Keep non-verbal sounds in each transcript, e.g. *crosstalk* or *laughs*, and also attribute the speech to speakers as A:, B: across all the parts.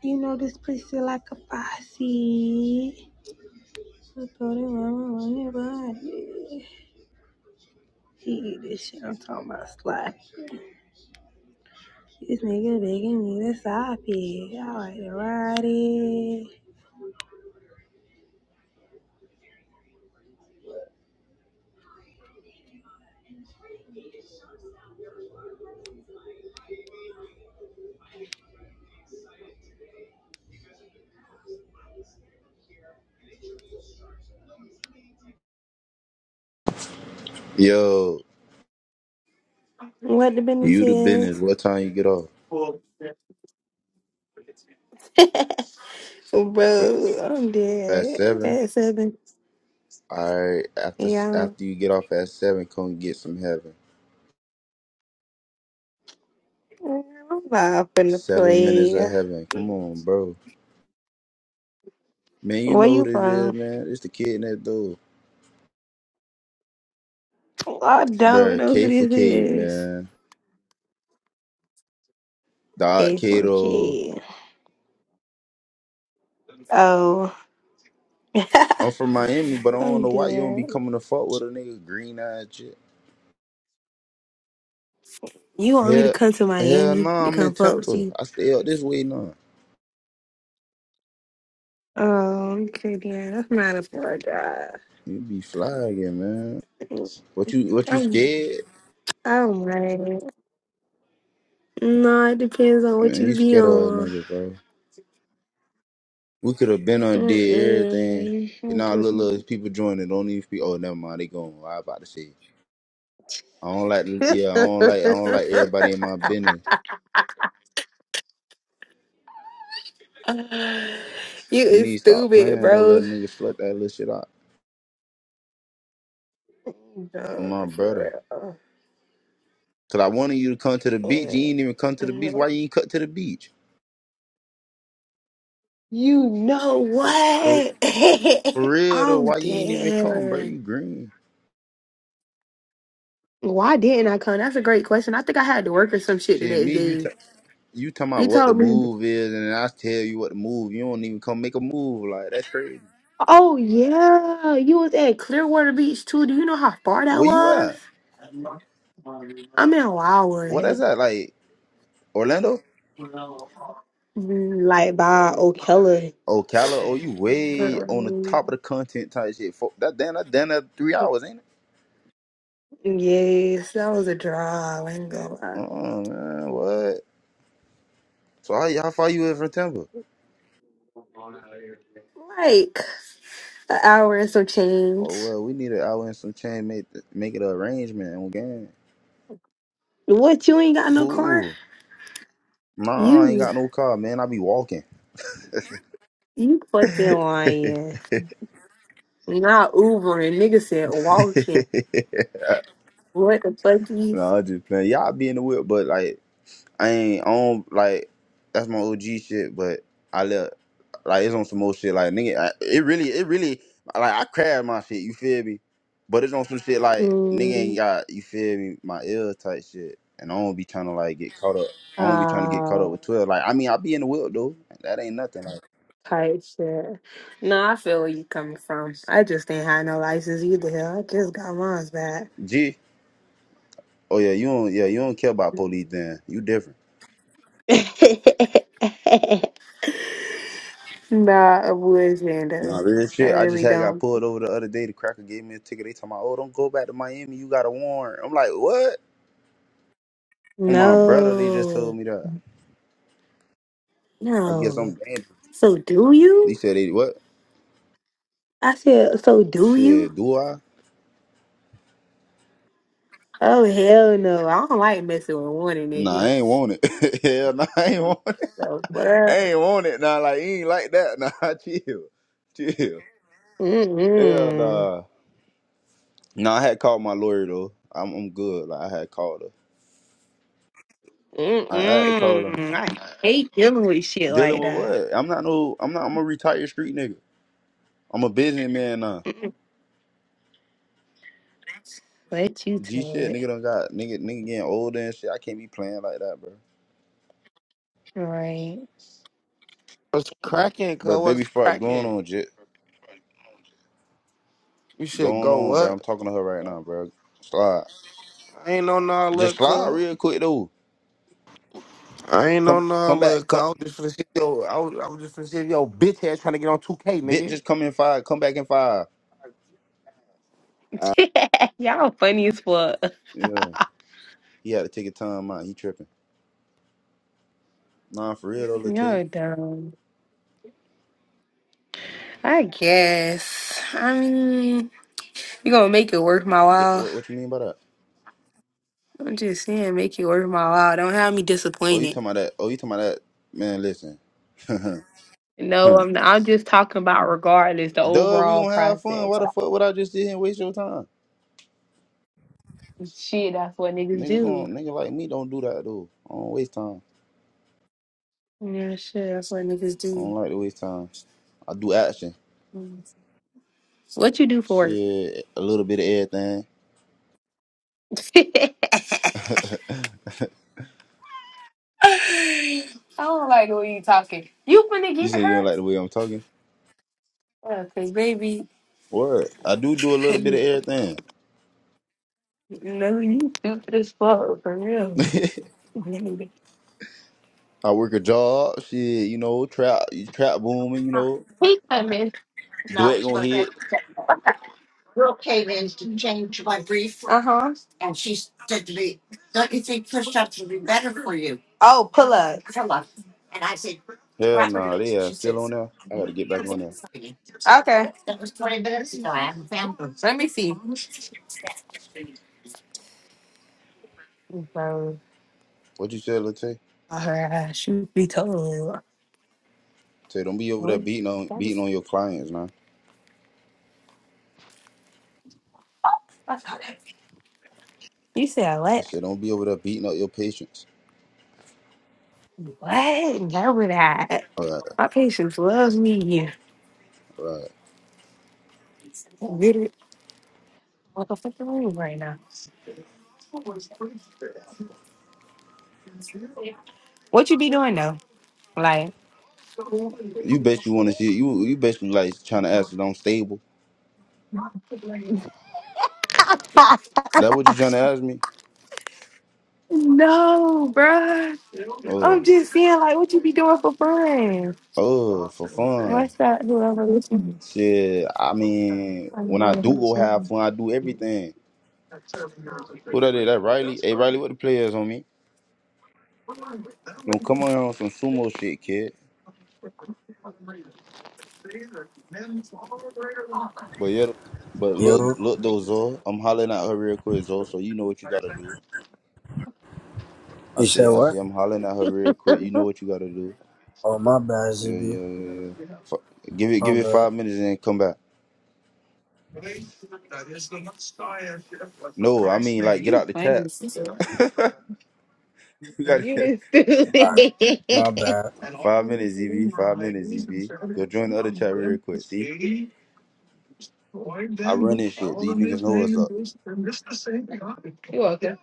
A: You know this pussy like a posse. I thought it was your body. He eat this shit. I'm talking about slap. This nigga begging me to stop it. I like to ride it.
B: Yo,
A: What the business
B: you the business.
A: is?
B: What time you get off?
A: *laughs*
B: What,
A: Bro, I'm
B: at
A: dead.
B: seven.
A: At seven.
B: All right. After
A: Yeah.
B: after you get off at seven, come get some heaven.
A: I'm not finna
B: Seven minutes of
A: play.
B: heaven. Come on, bro. Man, you
A: Where
B: know
A: you
B: what it is,
A: from?
B: man. It's the kid next door,
A: I don't
B: bro.
A: know who
B: K for
A: this
B: cave,
A: is.
B: man. Dot Kato.
A: K4K. Oh. *laughs*
B: I'm from Miami, but I don't
A: I'm
B: know why you don't be
A: dead.
B: coming to fuck with a nigga green eyed shit.
A: You want me to
B: Hell,
A: come to
B: hell no,
A: Miami to
B: I'm in
A: come fuck with
B: Tampa.
A: you?
B: I stay up this way now.
A: Oh, okay, then. That's not a far drive.
B: You be fly again, man. What you what you
A: I'm,
B: scared?
A: I'm right. No, it depends on what
B: Man,
A: you
B: you
A: be
B: scared of a
A: on.
B: nigga, bro. We could have been undid everything.
A: Mm-mm.
B: And
A: I'm
B: now
A: just...
B: little, little people joining. Don't even be. Oh, never mind. They going. I about to say. I don't like. Yeah, I don't like. I don't like everybody
A: *laughs*
B: in my business.
A: you
B: You
A: is
B: need to stop
A: stupid,
B: playing. Don't let
A: bro.
B: a nigga slut that little shit out. I'm
A: No,
B: my brother.
A: for real.
B: Cause I wanted you to come to the beach. You
A: Mm.
B: ain't even come to the beach. Why you ain't cut to the beach?
A: You know
B: For,
A: what?
B: for
A: *laughs*
B: real though,
A: I'm
B: why you ain't even come, bro?
A: dead.
B: You green.
A: Why didn't I come? That's a great question. I think I had to work or some shit the
B: Shit,
A: next
B: me, you t-
A: day.
B: you talking about
A: You
B: what the
A: told me.
B: move is, and then I tell you what the move. You don't even come make a move. Like that's crazy.
A: Oh yeah, you was at Clearwater Beach too. Do you know how far that
B: Where you
A: was?
B: at?
A: I'm in
B: What that's
A: Wildwood,
B: that like Orlando?
A: Mm, like by O'Keller.
B: Ocala? Oh, you way on the top of the content type shit. Fuck, that damn, that damn, that three hours, ain't it?
A: Yes, that was a drive. I ain't gonna
B: Oh man, what? So how, how far you in from Tampa?
A: lie. Like an hour and some change.
B: Oh well, we need an hour and some change. Make make it an arrangement on game.
A: What? You ain't got no car?
B: Ooh, Nah, I ain't
A: You,
B: got no car, man. I be walking. *laughs*
A: you
B: *laughs* no,
A: fucking lying. Not Ubering. Nigga said walking. What the fuck?
B: I'm just playing. Y'all be in the whip, but like I ain't I don't like that's my OG shit, but I let like it's on some more shit like nigga. I, it really it really like I crab my shit. You feel me? But it's on some shit like nigga ain't
A: Mm,
B: got you feel me my ill type shit, and I don't be trying to like get caught up. I don't be trying to get caught up
A: oh,
B: with twelve. Like I mean I be in the whip though. That ain't nothing. Like
A: type shit. No, I feel where you coming from. I just ain't had no license either. hell. I just got mine's back.
B: G. Oh yeah, you don't yeah you don't care about police then. You different.
A: *laughs* Nah, I wish,
B: Nah,
A: though.
B: real
A: I
B: shit. I just
A: really
B: had got
A: don't.
B: pulled over the other day. The cracker gave me a ticket. They told me, "Oh, don't go back to Miami. You got a warrant." I'm like, "What?" On my brother, they just told
A: No,
B: me that. I guess I'm
A: no.
B: dangerous.
A: So do
B: He
A: you?
B: said, they, what?
A: I said, so do you?
B: Shit, do I?
A: Oh hell no! I don't like messing with warning
B: Nah, I ain't
A: niggas.
B: want it. *laughs* Hell nah, I ain't want it.
A: So what?
B: I
A: up?
B: ain't want it. Nah, like, he ain't like that. Nah, *laughs* chill. Chill. Hell
A: Mm mm
B: nah. Nah, I had called my lawyer, though. I'm, I'm good. Like, I had called her.
A: mm
B: I had to call her.
A: mm. I hate dealing with shit
B: Dealing
A: like
B: with
A: that.
B: what? I'm not no, I'm not, I'm a retired street nigga. I'm a businessman now.
A: Let you
B: G
A: tell
B: shit, nigga
A: it.
B: done got, nigga, nigga getting older and shit. I can't be playing like that, bro.
A: Right.
C: What's cracking, cuz?
B: Bro, baby,
C: What's
B: frauds going
C: cracking?
B: on, J.
C: You should
B: Going
C: go
B: on, bro. I'm
C: what?
B: talking to her right now, bro. Slide.
C: I ain't on all
B: Just
C: that,
B: slide
C: cuz.
B: real quick though.
C: I ain't
B: Come
C: on
B: come
C: all that,
B: back.
C: cuz.
B: Come
C: I was just finna see yo, I was, I was just finna see yo bitch ass trying to get on 2K,
B: bitch
C: nigga.
B: just come in five. Come back in five.
A: *laughs* Y'all funny as fuck.
B: Yeah. He had to take a time out. He tripping. Nah, for real though, Latte.
A: Y'all dumb. I guess. I mean, you gonna make it worth my
B: D-
A: while.
B: What, what you mean by that?
A: I'm just saying, make it worth my while. Don't have me
B: Oh, you
A: disappointed.
B: talking about that? Oh, you talking about that? Man, listen. *laughs*
A: No, I'm not. I'm just talking about regardless the
B: Duh, we
A: overall
B: gonna have fun.
A: process.
B: Why the fuck would I just sit here and waste your time?
A: Shit, that's what niggas
B: Niggas don't
A: do.
B: niggas like me don't do that though. I don't waste time.
A: Yeah, shit, that's what niggas
B: I don't
A: do.
B: like to waste time. I do action.
A: Mm. What you do for work?
B: Shit, a little bit of
A: *laughs* I
B: everything. *laughs*
A: don't like the way you talking. You finna
B: You
A: get
B: say you
A: her?
B: don't like the way I'm talking?
A: Yeah, cause baby,
B: What? I do do a
A: *laughs*
B: little bit
A: no,
B: of everything.
A: you stupid as fuck for real. He
B: *laughs* I work a job, shit, you know, trap, trap booming, you know,
A: come in,
B: duet gonna hit.
A: Uh huh. Oh, pull up. Pull up.
B: Hell nah, they are still on there. I gotta get back on there.
A: Okay. Let me see. Bro,
B: What you said, Latte?
A: her ass should be told.
B: Say don't be over there
A: What?
B: beating on
A: That was,
B: beating on your clients, man.
A: you said
B: I
A: what?
B: said don't be over there beating up your patients.
A: What? Never that.
B: All right,
A: My patients loves me.
B: all right.
A: Get it? What the fuck are you right now? What you be doing though?
B: You bet you want to see you. You basically like trying to ask if I'm stable. That what you trying to ask me?
A: No, bruh.
B: Oh,
A: I'm just saying, like, what you be doing for fun?
B: oh, for fun.
A: What's that? Whoever listening.
B: Shit, I mean,
A: I'm
B: when I
A: going to
B: do go
A: his
B: have
A: name.
B: fun, I do everything. Who that is? That Riley? Hey, Riley, what the players on me? Don't come on here on some sumo shit, kid. But yeah, but look,
D: Yo,
B: look though, Zo. I'm hollering at her real quick, Zo. So you know what you gotta do. I
D: you
B: say,
D: said
B: I say,
D: what?
B: I'm hollering at her real quick. You know what you gotta do.
D: Oh, my bad,
B: Yeah, yeah,
D: ZB.
B: yeah, yeah. Fu- give it,
D: My
B: give it
D: bad.
B: five minutes and then come back. No, I mean like get out the chat. *laughs* You gotta get
D: Alright, my bad.
B: five minutes, ZB. Five minutes, ZB. Go join the other chat real quick. See, I run
A: you
B: this shit. These niggas know what's up.
A: welcome.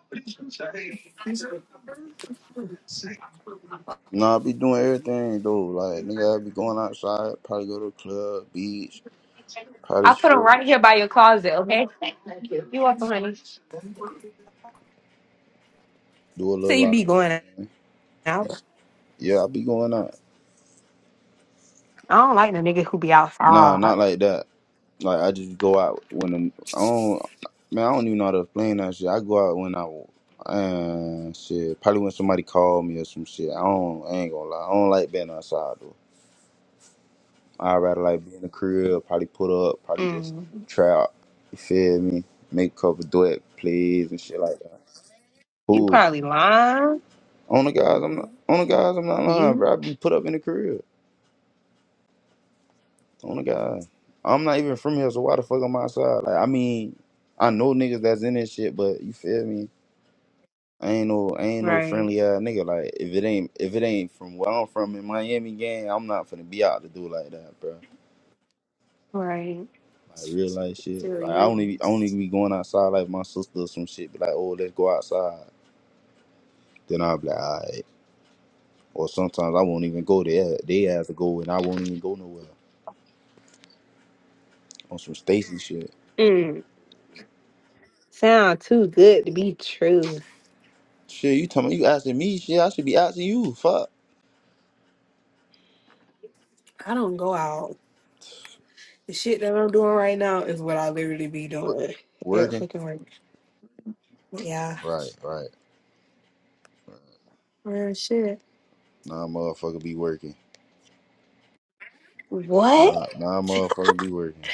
B: Nah, I be doing everything though. Like nigga, I be going outside, probably go to the club, beach, probably
A: I put them
B: shit,
A: right here by your closet, okay?
B: do a
A: So
B: little
A: you
B: lot of
A: be going
B: everything.
A: out.
B: Yeah, I be going out.
A: I don't like the nigga who be
B: Nah,
A: outside.
B: not like that. Like I just go out when the, I don't. Man, I don't even know how to explain that shit. I go out when I uh, shit. Probably when somebody call me or some shit. I don't. I ain't gonna lie. I don't like being outside though. I rather like be in the crib. Probably put up. Probably just
A: Mm.
B: try out. You feel me? Make a couple duet plays and shit like that.
A: You
B: Who?
A: probably lying.
B: On the guys, I'm not on the guys, I'm not lying,
A: You
B: bro. I be put up in the crib. On the guys. I'm not even from here, so why the fuck I'm outside? Like I mean, I know niggas that's in this shit, but you feel me? I ain't no I ain't no
A: right,
B: friendly ass nigga. Like if it ain't if it ain't from where I'm from in Miami gang, I'm not finna be out to do like that, bro.
A: right.
B: Like real life shit. Like I
A: Silly
B: only be- I only be going outside like my sister or some shit be like, oh let's go outside. Then I'll be like, alright. Or sometimes I won't even go there. They have to go and I won't even go nowhere. On some Stacy shit.
A: you. Sound too good to be true.
B: Shit, you talking? You asking me? Shit, I should be asking you. Fuck.
A: I don't go out. The shit that I'm doing right now is what I literally be
B: Wor-
A: doing at
B: Working.
A: fucking work. Yeah,
B: Right, right.
A: real shit.
B: Nah, motherfucker, be working.
A: What?
B: Nah, nah,
A: *laughs*
B: motherfucker, be working.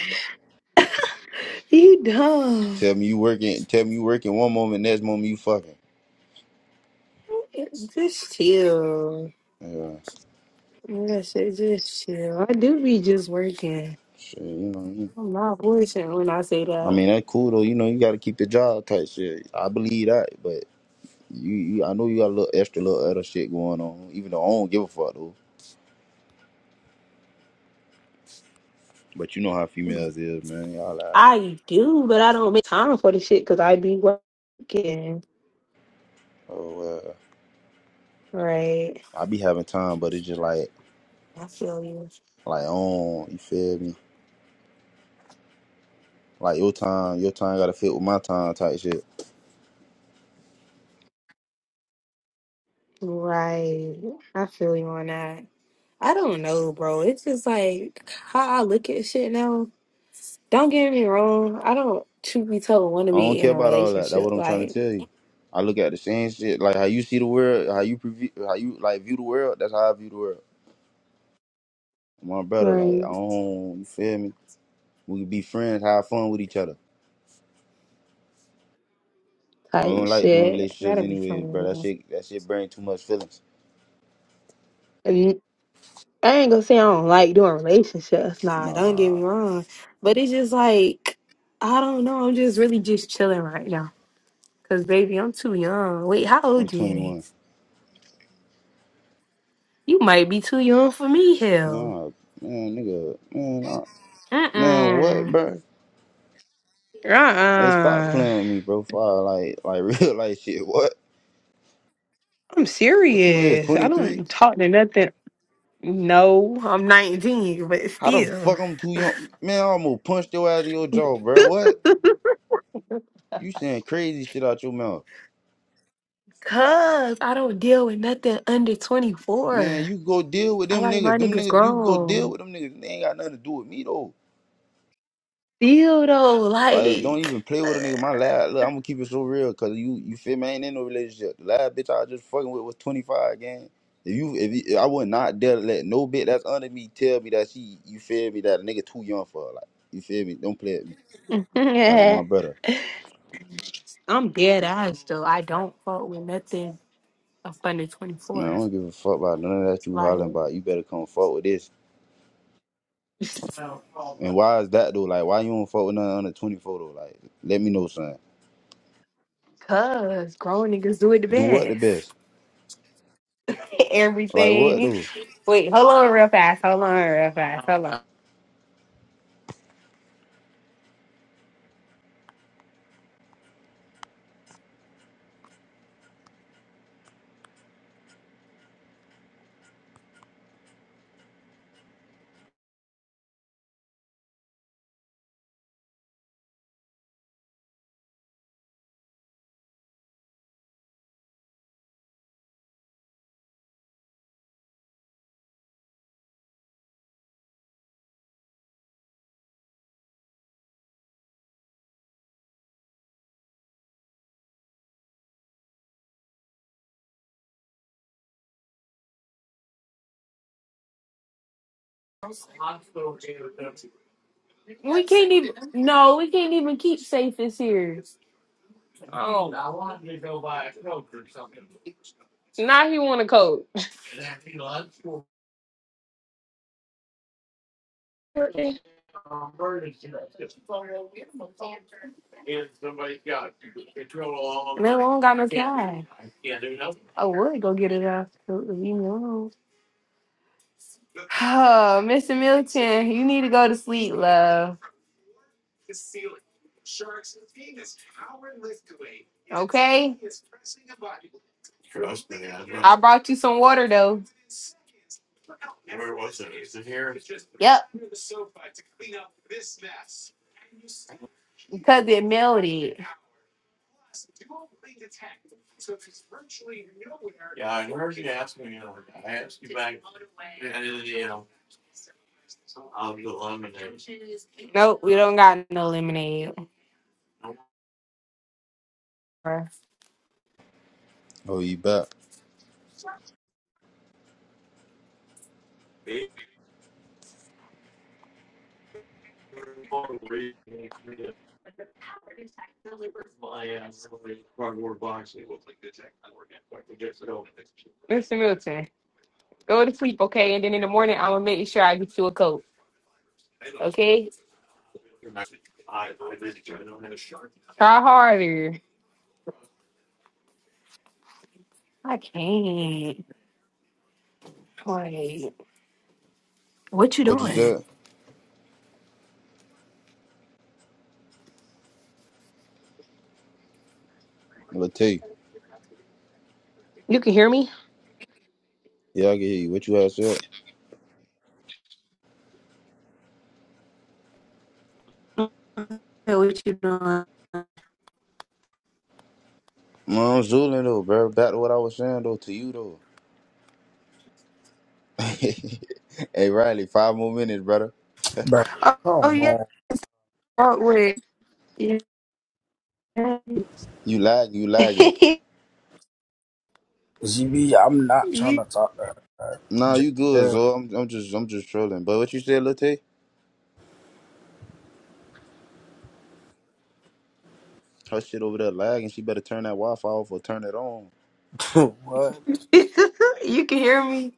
A: You dumb.
B: Tell me you working. Tell me you working one moment. Next moment you fucking.
A: Just chill.
B: Yeah.
A: real shit. Just chill. I do be just working.
B: Shit, you know. You,
A: I'm not bullshitting when I say
B: I
A: that.
B: mean, that cool though. You know, you got to keep the job tight. Shit, I believe that. But you, you, I know you got a little extra, little other shit going on. Even though I don't give a fuck though. But you know how females is, man. Y'all like,
A: I do, but I don't make time for the shit because I be working.
B: oh well.
A: Right.
B: I be having time, but it's just like,
A: I feel you.
B: like on. You feel me? Like your time, your time gotta fit with my time type shit.
A: Right. I feel you on that. I don't know, bro. It's just like how I look at shit now. Don't get me wrong. I don't, truth be told, want to
B: I don't
A: be
B: care
A: in a
B: about all that. That's what
A: relationship
B: I'm trying to
A: like
B: tell you. I look at the same shit, like how you see the world, how you preview, how you like view the world. That's how I view the world. My brother, like I
A: right,
B: don't, you feel me? We can be friends, have fun with each other. I
A: type
B: don't like doing
A: shit.
B: relationships
A: That'd be
B: anyway, bro. That
A: fun.
B: shit, that shit bring too much feelings.
A: And I ain't gonna say I don't like doing relationships. Nah, don't get
B: Nah,
A: me wrong. But it's just like I don't know. I'm just really just chilling right now. Cause baby, I'm too young. Wait, how
B: I'm
A: old you
B: 21.
A: is? You might be too young for me, hell.
B: Nah, man, nigga, man, I,
A: Uh
B: man, what,
A: uh.
B: bro?
A: Uh
B: Hey, stop
A: uh.
B: playing with me, bro. Fire, like, like *laughs* real life shit. What?
A: I'm
B: What you is?
A: serious. I
B: 23?
A: don't talk to nothing. No, I'm 19, but
B: How the
A: still.
B: fuck I'm too young? Man, I almost punched your ass in your jaw, bro. What? You saying crazy shit out your mouth.
A: Cuz I don't deal with nothing under
B: Man,
A: 24.
B: you go deal with
A: I
B: them
A: like
B: niggas.
A: my
B: Them
A: niggas
B: niggas, you go deal
A: grown.
B: with them niggas. They ain't got nothing to do with me, though.
A: Still though,
B: Like, don't
A: like.
B: even play with a nigga. My last, look, I'm gonna keep it so real, cause you, you feel me? I ain't in no relationship. The last bitch I was just fucking with was 25, gang. If you, if you, I would not dare let no bitch that's under me tell me that she, you feel me, that a nigga too young for her. Like, you feel me? Don't play with me. Like, with my
A: *laughs*
B: brother.
A: I'm dead ass though. I don't fuck with nothing up under
B: Man, I
A: 24.
B: don't give a fuck about none of that you
A: Like,
B: hollering about. You better come fuck with this. And why is that though? Like, why you don't fuck with nothing under 24 though? Like, let me know, son.
A: cuz grown niggas do it the
B: Do what the
A: best.
B: best?
A: *laughs*
B: Like, what
A: Everything.
B: though?
A: Wait, hold on real fast. Hold on real fast. Hold on. We can't even. No, we can't even keep safe this year. Now he want to coach. Man, we don't got no time. I would go get it out. if You know. Oh, Mr. Milton, you need to go to sleep, love. Okay. Trust me, I know. I brought you some water though. Yep, because it melted. Nope, we don't got no lemonade. Mr.
B: Oh, you back.
A: Milton. Go to sleep, okay? And then in the morning, I'm gonna make sure I get you a coat, okay? Try harder. I can't. Wait. What you
B: What you
A: doing?
B: said? Well, tell you.
A: You can hear me?
B: Yeah, I can hear you. What you had said?
A: Hey, What you doing?
B: Man, I'm zooling though, bro. Back to what I was saying though, to you though. *laughs* hey, Riley, five more minutes, brother.
D: Bruh,
A: Oh, oh,
D: come
A: yeah.
D: on.
A: Oh, wait. Yeah. *laughs*
B: You lag, you lagging.
D: ZB, I'm not trying to talk to her. bruh.
B: Nah,
D: Just
B: you good, Zo. I'm, I'm just, I'm just trolling. But what you said, Latte? Her shit over there lagging. She better turn that Wi-Fi off or turn it on.
D: chill. *laughs* what?
A: you can hear me.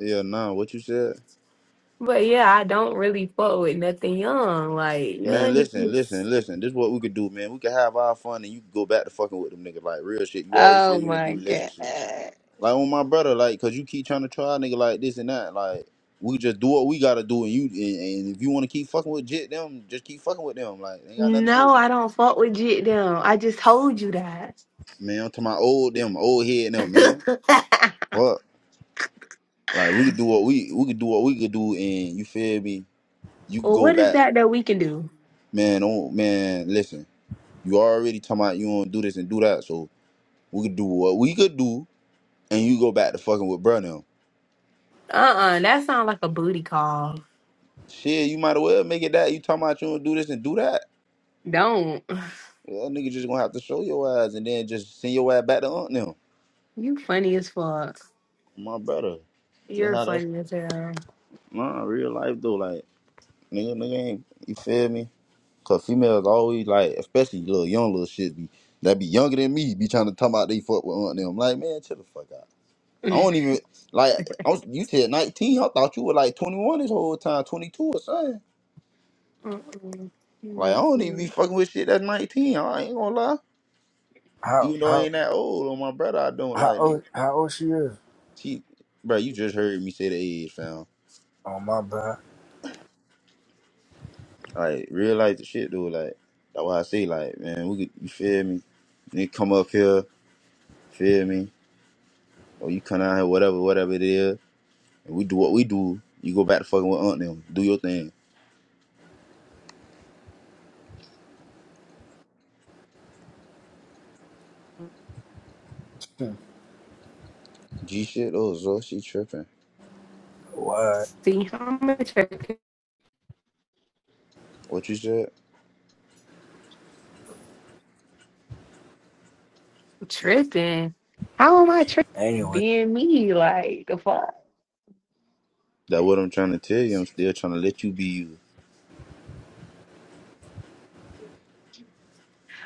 B: Yeah, nah. What you said?
A: But yeah, I don't really fuck with nothing young. Like
B: Man,
A: young
B: listen, listen,
A: niggas.
B: listen. This is what we could do, man. We could have our fun and you could go back to fucking with them niggas. Like, real shit. You already said
A: oh
B: you don't do
A: my
B: relationships.
A: god.
B: Like, with my brother, like, cause you keep trying to try a nigga like this and that. Like, we just do what we gotta do and you, and, and if you wanna keep fucking with Jit them, just keep fucking with them. Like, ain't got nothing to do
A: No,
B: with me.
A: I don't fuck with jit down. I just told you that.
B: Man, I'm to my old them, old head them, man.
A: *laughs*
B: Fuck. Like, we could do what we, we could do what we could do and you feel me? You could
A: Well,
B: go
A: what is
B: back.
A: that that we can do?
B: Man, don't, man, listen. You already talking about you don't do this and do that, so we could do what we could do and you go back to fucking with bruh now.
A: Uh uh that sounds like a booty call.
B: Shit, you might as well make it that. You talking about you don't do this and do that.
A: Don't.
B: Yeah, that nigga just gonna have to show your ass and then just send your ass back to aunt now.
A: You funny as fuck.
B: My brother. Just
A: You're
B: how that's
A: funny as hell.
B: nah, real life though, like nigga nigga ain't you feel me? Cause females always like, especially little young little shit be that be younger than me, be trying to talk about they fuck with aunt them. I'm like, man, chill the fuck out.
A: *laughs*
B: I
A: Mm-mm.
B: don't even like I was, you said nineteen, I thought you were like twenty one this whole time, twenty two or something.
A: You
B: Like I
A: might
B: don't even be
A: see.
B: fucking with shit that's nineteen. I ain't gonna lie.
D: How,
B: even though I
D: how,
B: ain't that old on my brother, I don't
D: how
B: like nigga.
D: old, how old she is?
B: She, bro, you just heard me say the age, fam.
D: Oh, my bad. *laughs*
B: Like realize the shit, dude. Like that's why I say, like man, we could, you feel me? Nigga come up here, feel me? Or you come out here, whatever, whatever it is, and we do what we do. You go back to fucking with Aunt them, do your thing.
D: Hmm,
B: G shit, oh Zo, she tripping.
D: what?
A: See how much I could-
B: What you said?
A: tripping. How am I tripping?
D: Anyway,
A: Being me, like the fuck.
B: That what I'm trying to tell you. I'm still trying to let you be you.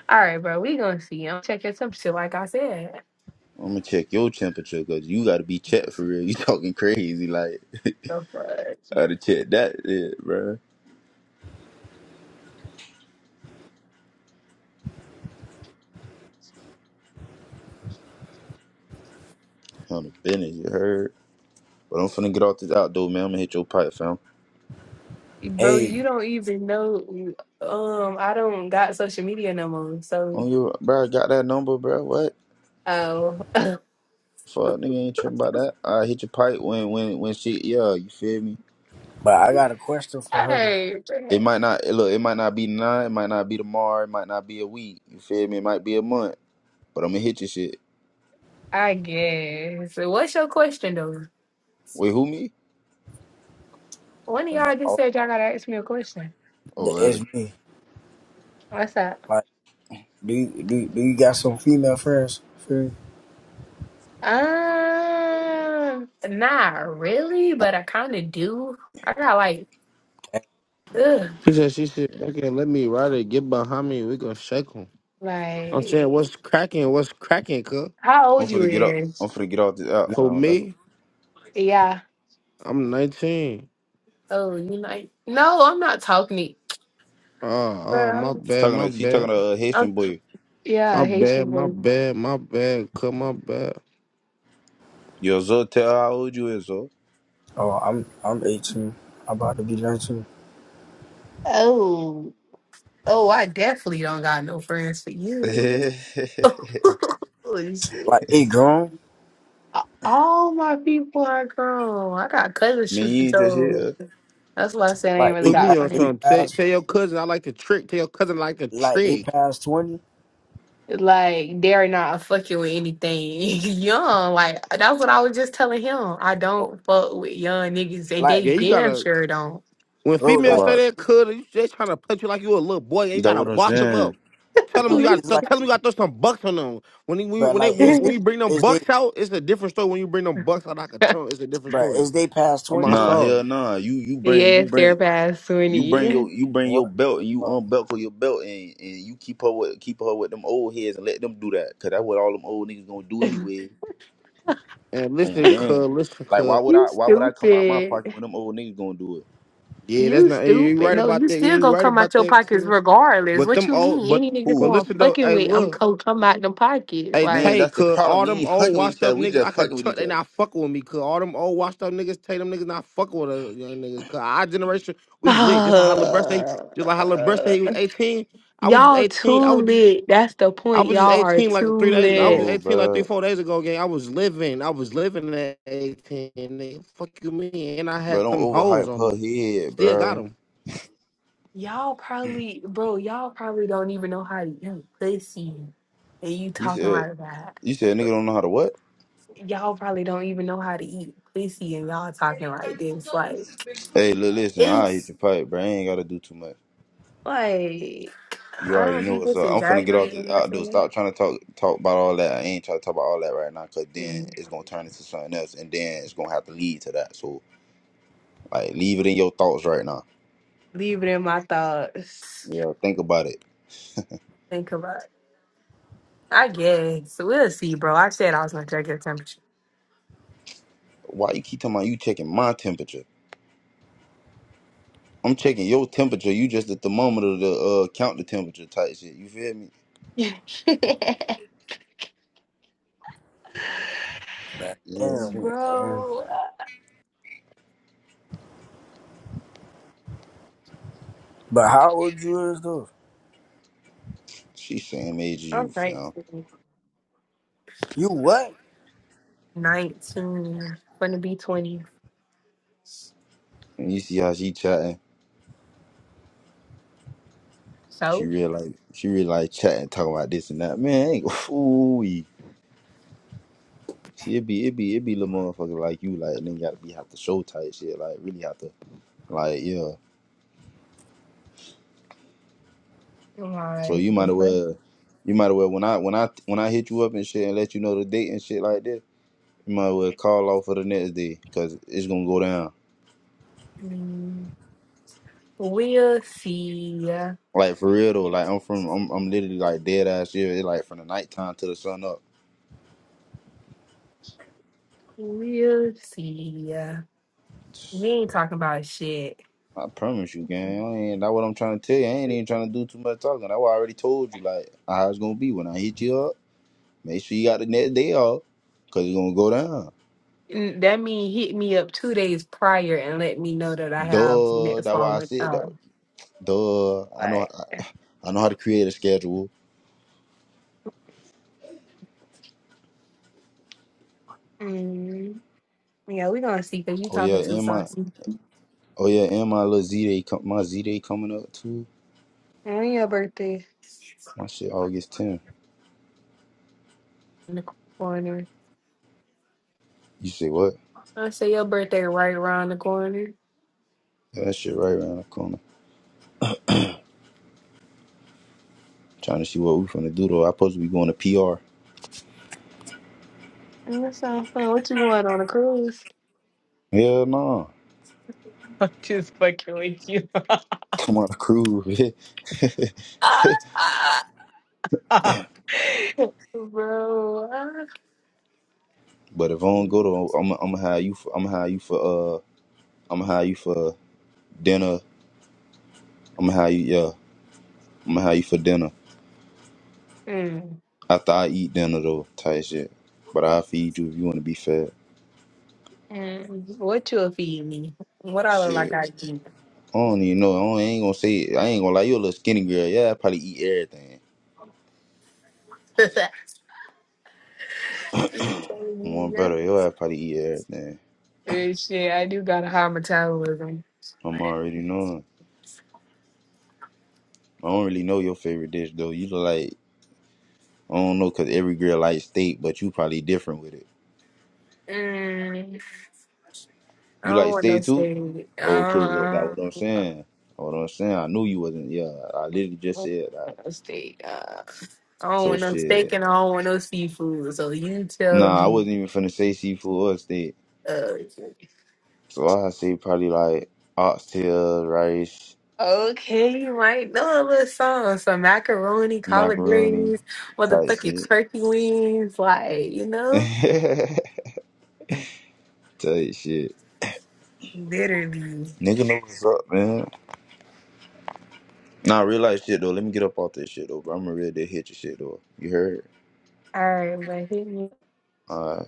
A: All right, bro. We gonna see. I'm checking some shit. Like I said,
B: I'm gonna check your temperature, cause you gotta be checked for real. *laughs* You talking crazy, like *laughs*
A: the fuck,
B: I gotta check that, shit, bro. On the business, you heard? But I'm finna get off this outdoor, man. I'm gonna hit your pipe, fam.
A: bro.
D: hey,
A: You don't even know. Um, I don't got social media no more. So,
B: On your bro, I got that number, bro. What?
A: oh,
B: Fuck, nigga ain't tripping about that. I hit your pipe when when when shit. Yeah, you feel me?
D: but I got a question
A: *laughs*
D: for
A: all
D: her. To,
A: right.
B: It might not look. It might not be nine. It might not be tomorrow. It might not be a week. You feel me? It might be a month. But I'm gonna hit your shit.
A: I guess. So, What's your question though?
B: Wait, who me?
A: One of
D: and,
A: y'all just
D: oh,
A: said y'all gotta ask me a question.
B: Oh,
D: that is
B: really?
D: me.
A: What's up?
D: Like, do you, do, you- do you got some female friends? Free?
A: Um, not really, but I kind of do. I got like, ugh,
C: He said, she said, okay, let me ride it, get behind me, we gonna shake him. I'm
A: like
C: saying, what's cracking, what's cracking, cuz?
A: how
B: I'm
A: old you
B: finna get up. I'm
A: is?
B: finna get off this out,
C: For
B: fam. That's
C: me,
A: Yeah.
C: I'm 19.
A: Oh, you like? No, I'm not talking to.
C: Oh, oh, my
A: Girl,
C: bad,
B: talking
C: my
B: to. She talking
C: bad,
B: to a
A: I'm,
B: Haitian boy.
C: my
A: yeah, Haitian
C: bad, my
A: boy.
C: bad, my bad, cuz, my bad.
B: Yo, Zo, tell her how old you is, Zo.
D: Oh, I'm, I'm 18. I'm about to be 19.
A: Oh, oh, I definitely don't got no friends for
B: *laughs* man,
A: you. *laughs* Holy shit.
D: Like, they grown?
A: A- All my people are grown. I got cousins shooting
B: you ain't just
A: toes.
B: here.
A: That's why I said I ain't
D: Like
A: really
D: they
C: Put
A: got
C: me
D: pa-
C: on
D: they
A: friends.
C: something. Tell,
D: pass
C: tell your cousin I like the trick. Tell your cousin I like the
D: like they
C: trick.
D: pass twenty.
A: Like they're not fucking with anything *laughs* young. Like that's what I was just telling him. I
D: Oh,
A: don't fuck with young niggas, and they
D: like
C: Yeah, you
A: damn
C: gotta.
A: sure don't.
C: When
D: bro,
B: That
C: females
D: like
C: say
B: what?
C: that,
D: it's,
C: could you they trying to punch you like you a little boy and you
B: That
C: gotta
B: what I'm
C: boss them
B: saying.
C: up. Tell
A: *laughs*
C: them
D: bro,
C: you gotta
D: it's
A: Listen.
C: th-
D: like
C: tell them you gotta throw some bucks on them. When you,
D: bro,
C: when they
D: like
C: when,
D: is they
C: when
A: *laughs*
C: you bring them
D: is they
C: bucks out, it's a different story. When you bring them bucks out like a chunk, it's a different
D: bro
C: story.
D: is they past
C: On my
D: twenty
B: Nah,
D: though?
B: hell
C: song.
B: nah. You you bring you
A: yes, they're
B: bring
A: past
B: you bring your
A: twenty.
B: you bring your
D: What the
B: belt and you
D: fuck,
B: unbuckle your belt and, and you keep her with keep her with them old heads and let them do that. Cause that's what all them old niggas gonna do
A: *laughs*
B: anyway
C: And
B: on
C: listen, cuz,
B: game.
C: listen,
B: Like why
C: cuz.
B: would I
A: You
B: why would I come out my pocket
A: stupid.
B: when them old niggas gonna do it?
C: Yeah, that's
A: You
C: not you ain't
A: stupid.
C: right
A: No,
C: about
A: you
C: that. You
A: still
C: ain't
A: gonna
C: right
A: come out
C: about
A: your
C: that,
A: pockets
C: cuz.
A: regardless.
C: But
A: What
C: them
A: you
C: old
A: mean?
C: but
A: Any nigga
C: but
A: who
B: Ooh,
A: I'm
C: listen though,
A: fucking
C: hey
A: with, I'm
C: look.
A: gonna come out them pockets.
C: Hey
B: man,
A: Like.
C: Tay,
B: that's the
C: could
B: problem.
C: all
B: We
C: them
B: ain't
C: old
B: fucking with
C: washed
B: each other.
C: up
B: We
C: niggas, I
B: just
C: could
B: fucking with
C: chuck
B: each
C: they
B: other.
C: not fucking with me. Could all them old washed up niggas, Tay them niggas not fucking with us young niggas. Cause our generation,
A: *sighs*
C: we lit. Just like how LeBron say, just like how LeBron say
A: Uh,
C: he was 18. I was just
A: y'all too
C: 18. I was just
A: lit. That's the
C: I
A: point.
C: was just
A: Y'all are
C: 18 like three
A: too
C: days ago. I was just
A: lit.
B: No,
C: 18 like three,
B: bruh.
C: four days ago, gang. I was living. I was living at 18. Nigga. Fuck you mean? And I
B: Bro,
C: had
B: don't
C: them hoes
B: overhype
C: on
B: her
C: me.
B: head,
C: Still got
B: bruh.
C: 'em.
A: Y'all probably, bro, y'all probably don't even know how to eat pussy. And you
B: You
A: talking
B: said
A: like that.
B: you said nigga don't know how to what?
A: Y'all probably don't even know how to eat pussy and y'all talking like this. Like,
B: Hey, look, listen, I hit
A: it's
B: your pipe, bruh. I ain't gotta do too much.
A: like,
B: You
A: I
B: already
A: don't be
B: know what's
A: just
B: up. I'm finna get off
A: exaggerating
B: this
A: when I say
B: outdoor. Stop trying to talk talk about all that. I ain't trying to talk about all that right now, cause then
A: Mm,
B: it's gonna turn into something else, and then it's gonna have to lead to that. So like, leave it in your thoughts right now.
A: Leave it in my thoughts.
B: Yeah, think about it.
A: Think about it. I guess. We'll see, bro. I said I was going to check your temperature.
B: Why you keep talking about you checking my temperature? I'm checking your temperature. You just the thermometer to uh, count the temperature type shit. You feel me?
D: bro?
B: Yes.
D: Damn,
B: yeah.
D: bro.
A: Bro,
D: but how old you is though?
B: She same age as you,
A: I'm
B: fam.
A: 19.
D: You what?
A: 19. Gonna be 20.
B: And you see how she chatting. She
A: So,
B: real like she real like chatting, talking about this and that. Man, ain't *laughs* ooh See, it be it be it be little motherfucker like you, like and then gotta be have to show type shit, like really have to, like yeah. So
A: like,
B: you might
A: the
B: as
A: fuck?
B: well, you might as well when I when I when I hit you up and shit and let you know the date and shit like this, you might as well call off for the next day because it's gonna go down.
A: Mm, we'll see.
B: Like for real though, like I'm from I'm I'm literally like dead ass here. It's like from the nighttime to the sun up.
A: We'll see.
B: *sighs*
A: We ain't talking about shit.
B: I promise you, gang. I ain't that what I'm trying to tell you. I ain't even trying to do too much talking. That's why I already told you like how it's gonna be when I hit you up. Make sure you got the next day off, cause you're gonna go down.
A: Mm, That mean hit me up two days prior and let me know that I have the
B: Duh,
A: next
B: that's why I
A: following
B: said that.
A: up.
B: Duh, I know,
A: Like,
B: I, I know how to create a schedule.
A: mm, yeah, we gonna see because you
B: Oh yeah,
A: talking too
B: and my,
A: saucy.
B: oh yeah, and my little Z day, com- my Z day coming up too.
A: And your birthday
B: My shit August 10th.
A: in the corner.
B: You say what?
A: I say your birthday right around the corner.
B: Yeah, that shit right around the corner. Trying to see what we finna do though. I supposed to be going to PR.
A: And That sounds fun. What you going on a cruise?
B: Hell no. Come on a cruise. *laughs*
A: *laughs* Bro, I-
B: but if I don't go to, I'm, I'm gonna have you. For, I'm gonna have you for. Uh, I'm gonna have you for dinner. I'm gonna have you. Yeah. I'm gonna have you for dinner.
A: mm,
B: After I eat dinner though, type shit. But I'll feed you if you wanna be fed.
A: mm, what you'll feed me? What I look like I
B: Shit.
A: eat?
B: I don't even know. I, don't, I ain't gonna say it. I ain't gonna lie, you a little skinny girl. Yeah, I probably eat everything.
A: *laughs*
B: One
A: Yeah.
B: better, your ass probably eat everything.
A: Eh, Shit, I do got a high metabolism.
B: I'm
A: But,
B: already knowing. I don't really know your favorite dish though. You look like I don't know cause every girl likes steak, but you probably different with it.
A: mm, I
B: You
A: don't
B: like
A: want no
B: steak too?
A: steak. Uh,
B: Okay, look, that's what
A: I
B: I'm saying. That's what I'm saying. I knew you wasn't yeah, I literally just
A: don't
B: said that.
A: want no steak. Uh, I don't
B: So
A: want no steak
B: shit.
A: and I don't want no seafood. So you tell
B: Nah, I
A: me.
B: wasn't even finna say seafood or steak.
A: Uh,
B: So I see probably like oxtail, rice,
A: Okay, you might know a little song. Some macaroni, collard
B: macaroni
A: greens,
B: type
A: motherfucking
B: shit.
A: turkey wings, like, you know?
B: *laughs* type shit.
A: Literally.
B: Nigga know what's up, man. Nah, real life shit though. Let me get up off this shit though, bro. I'm gonna ready to hit your shit though. You heard?
A: All right, but hit me.
B: Alright.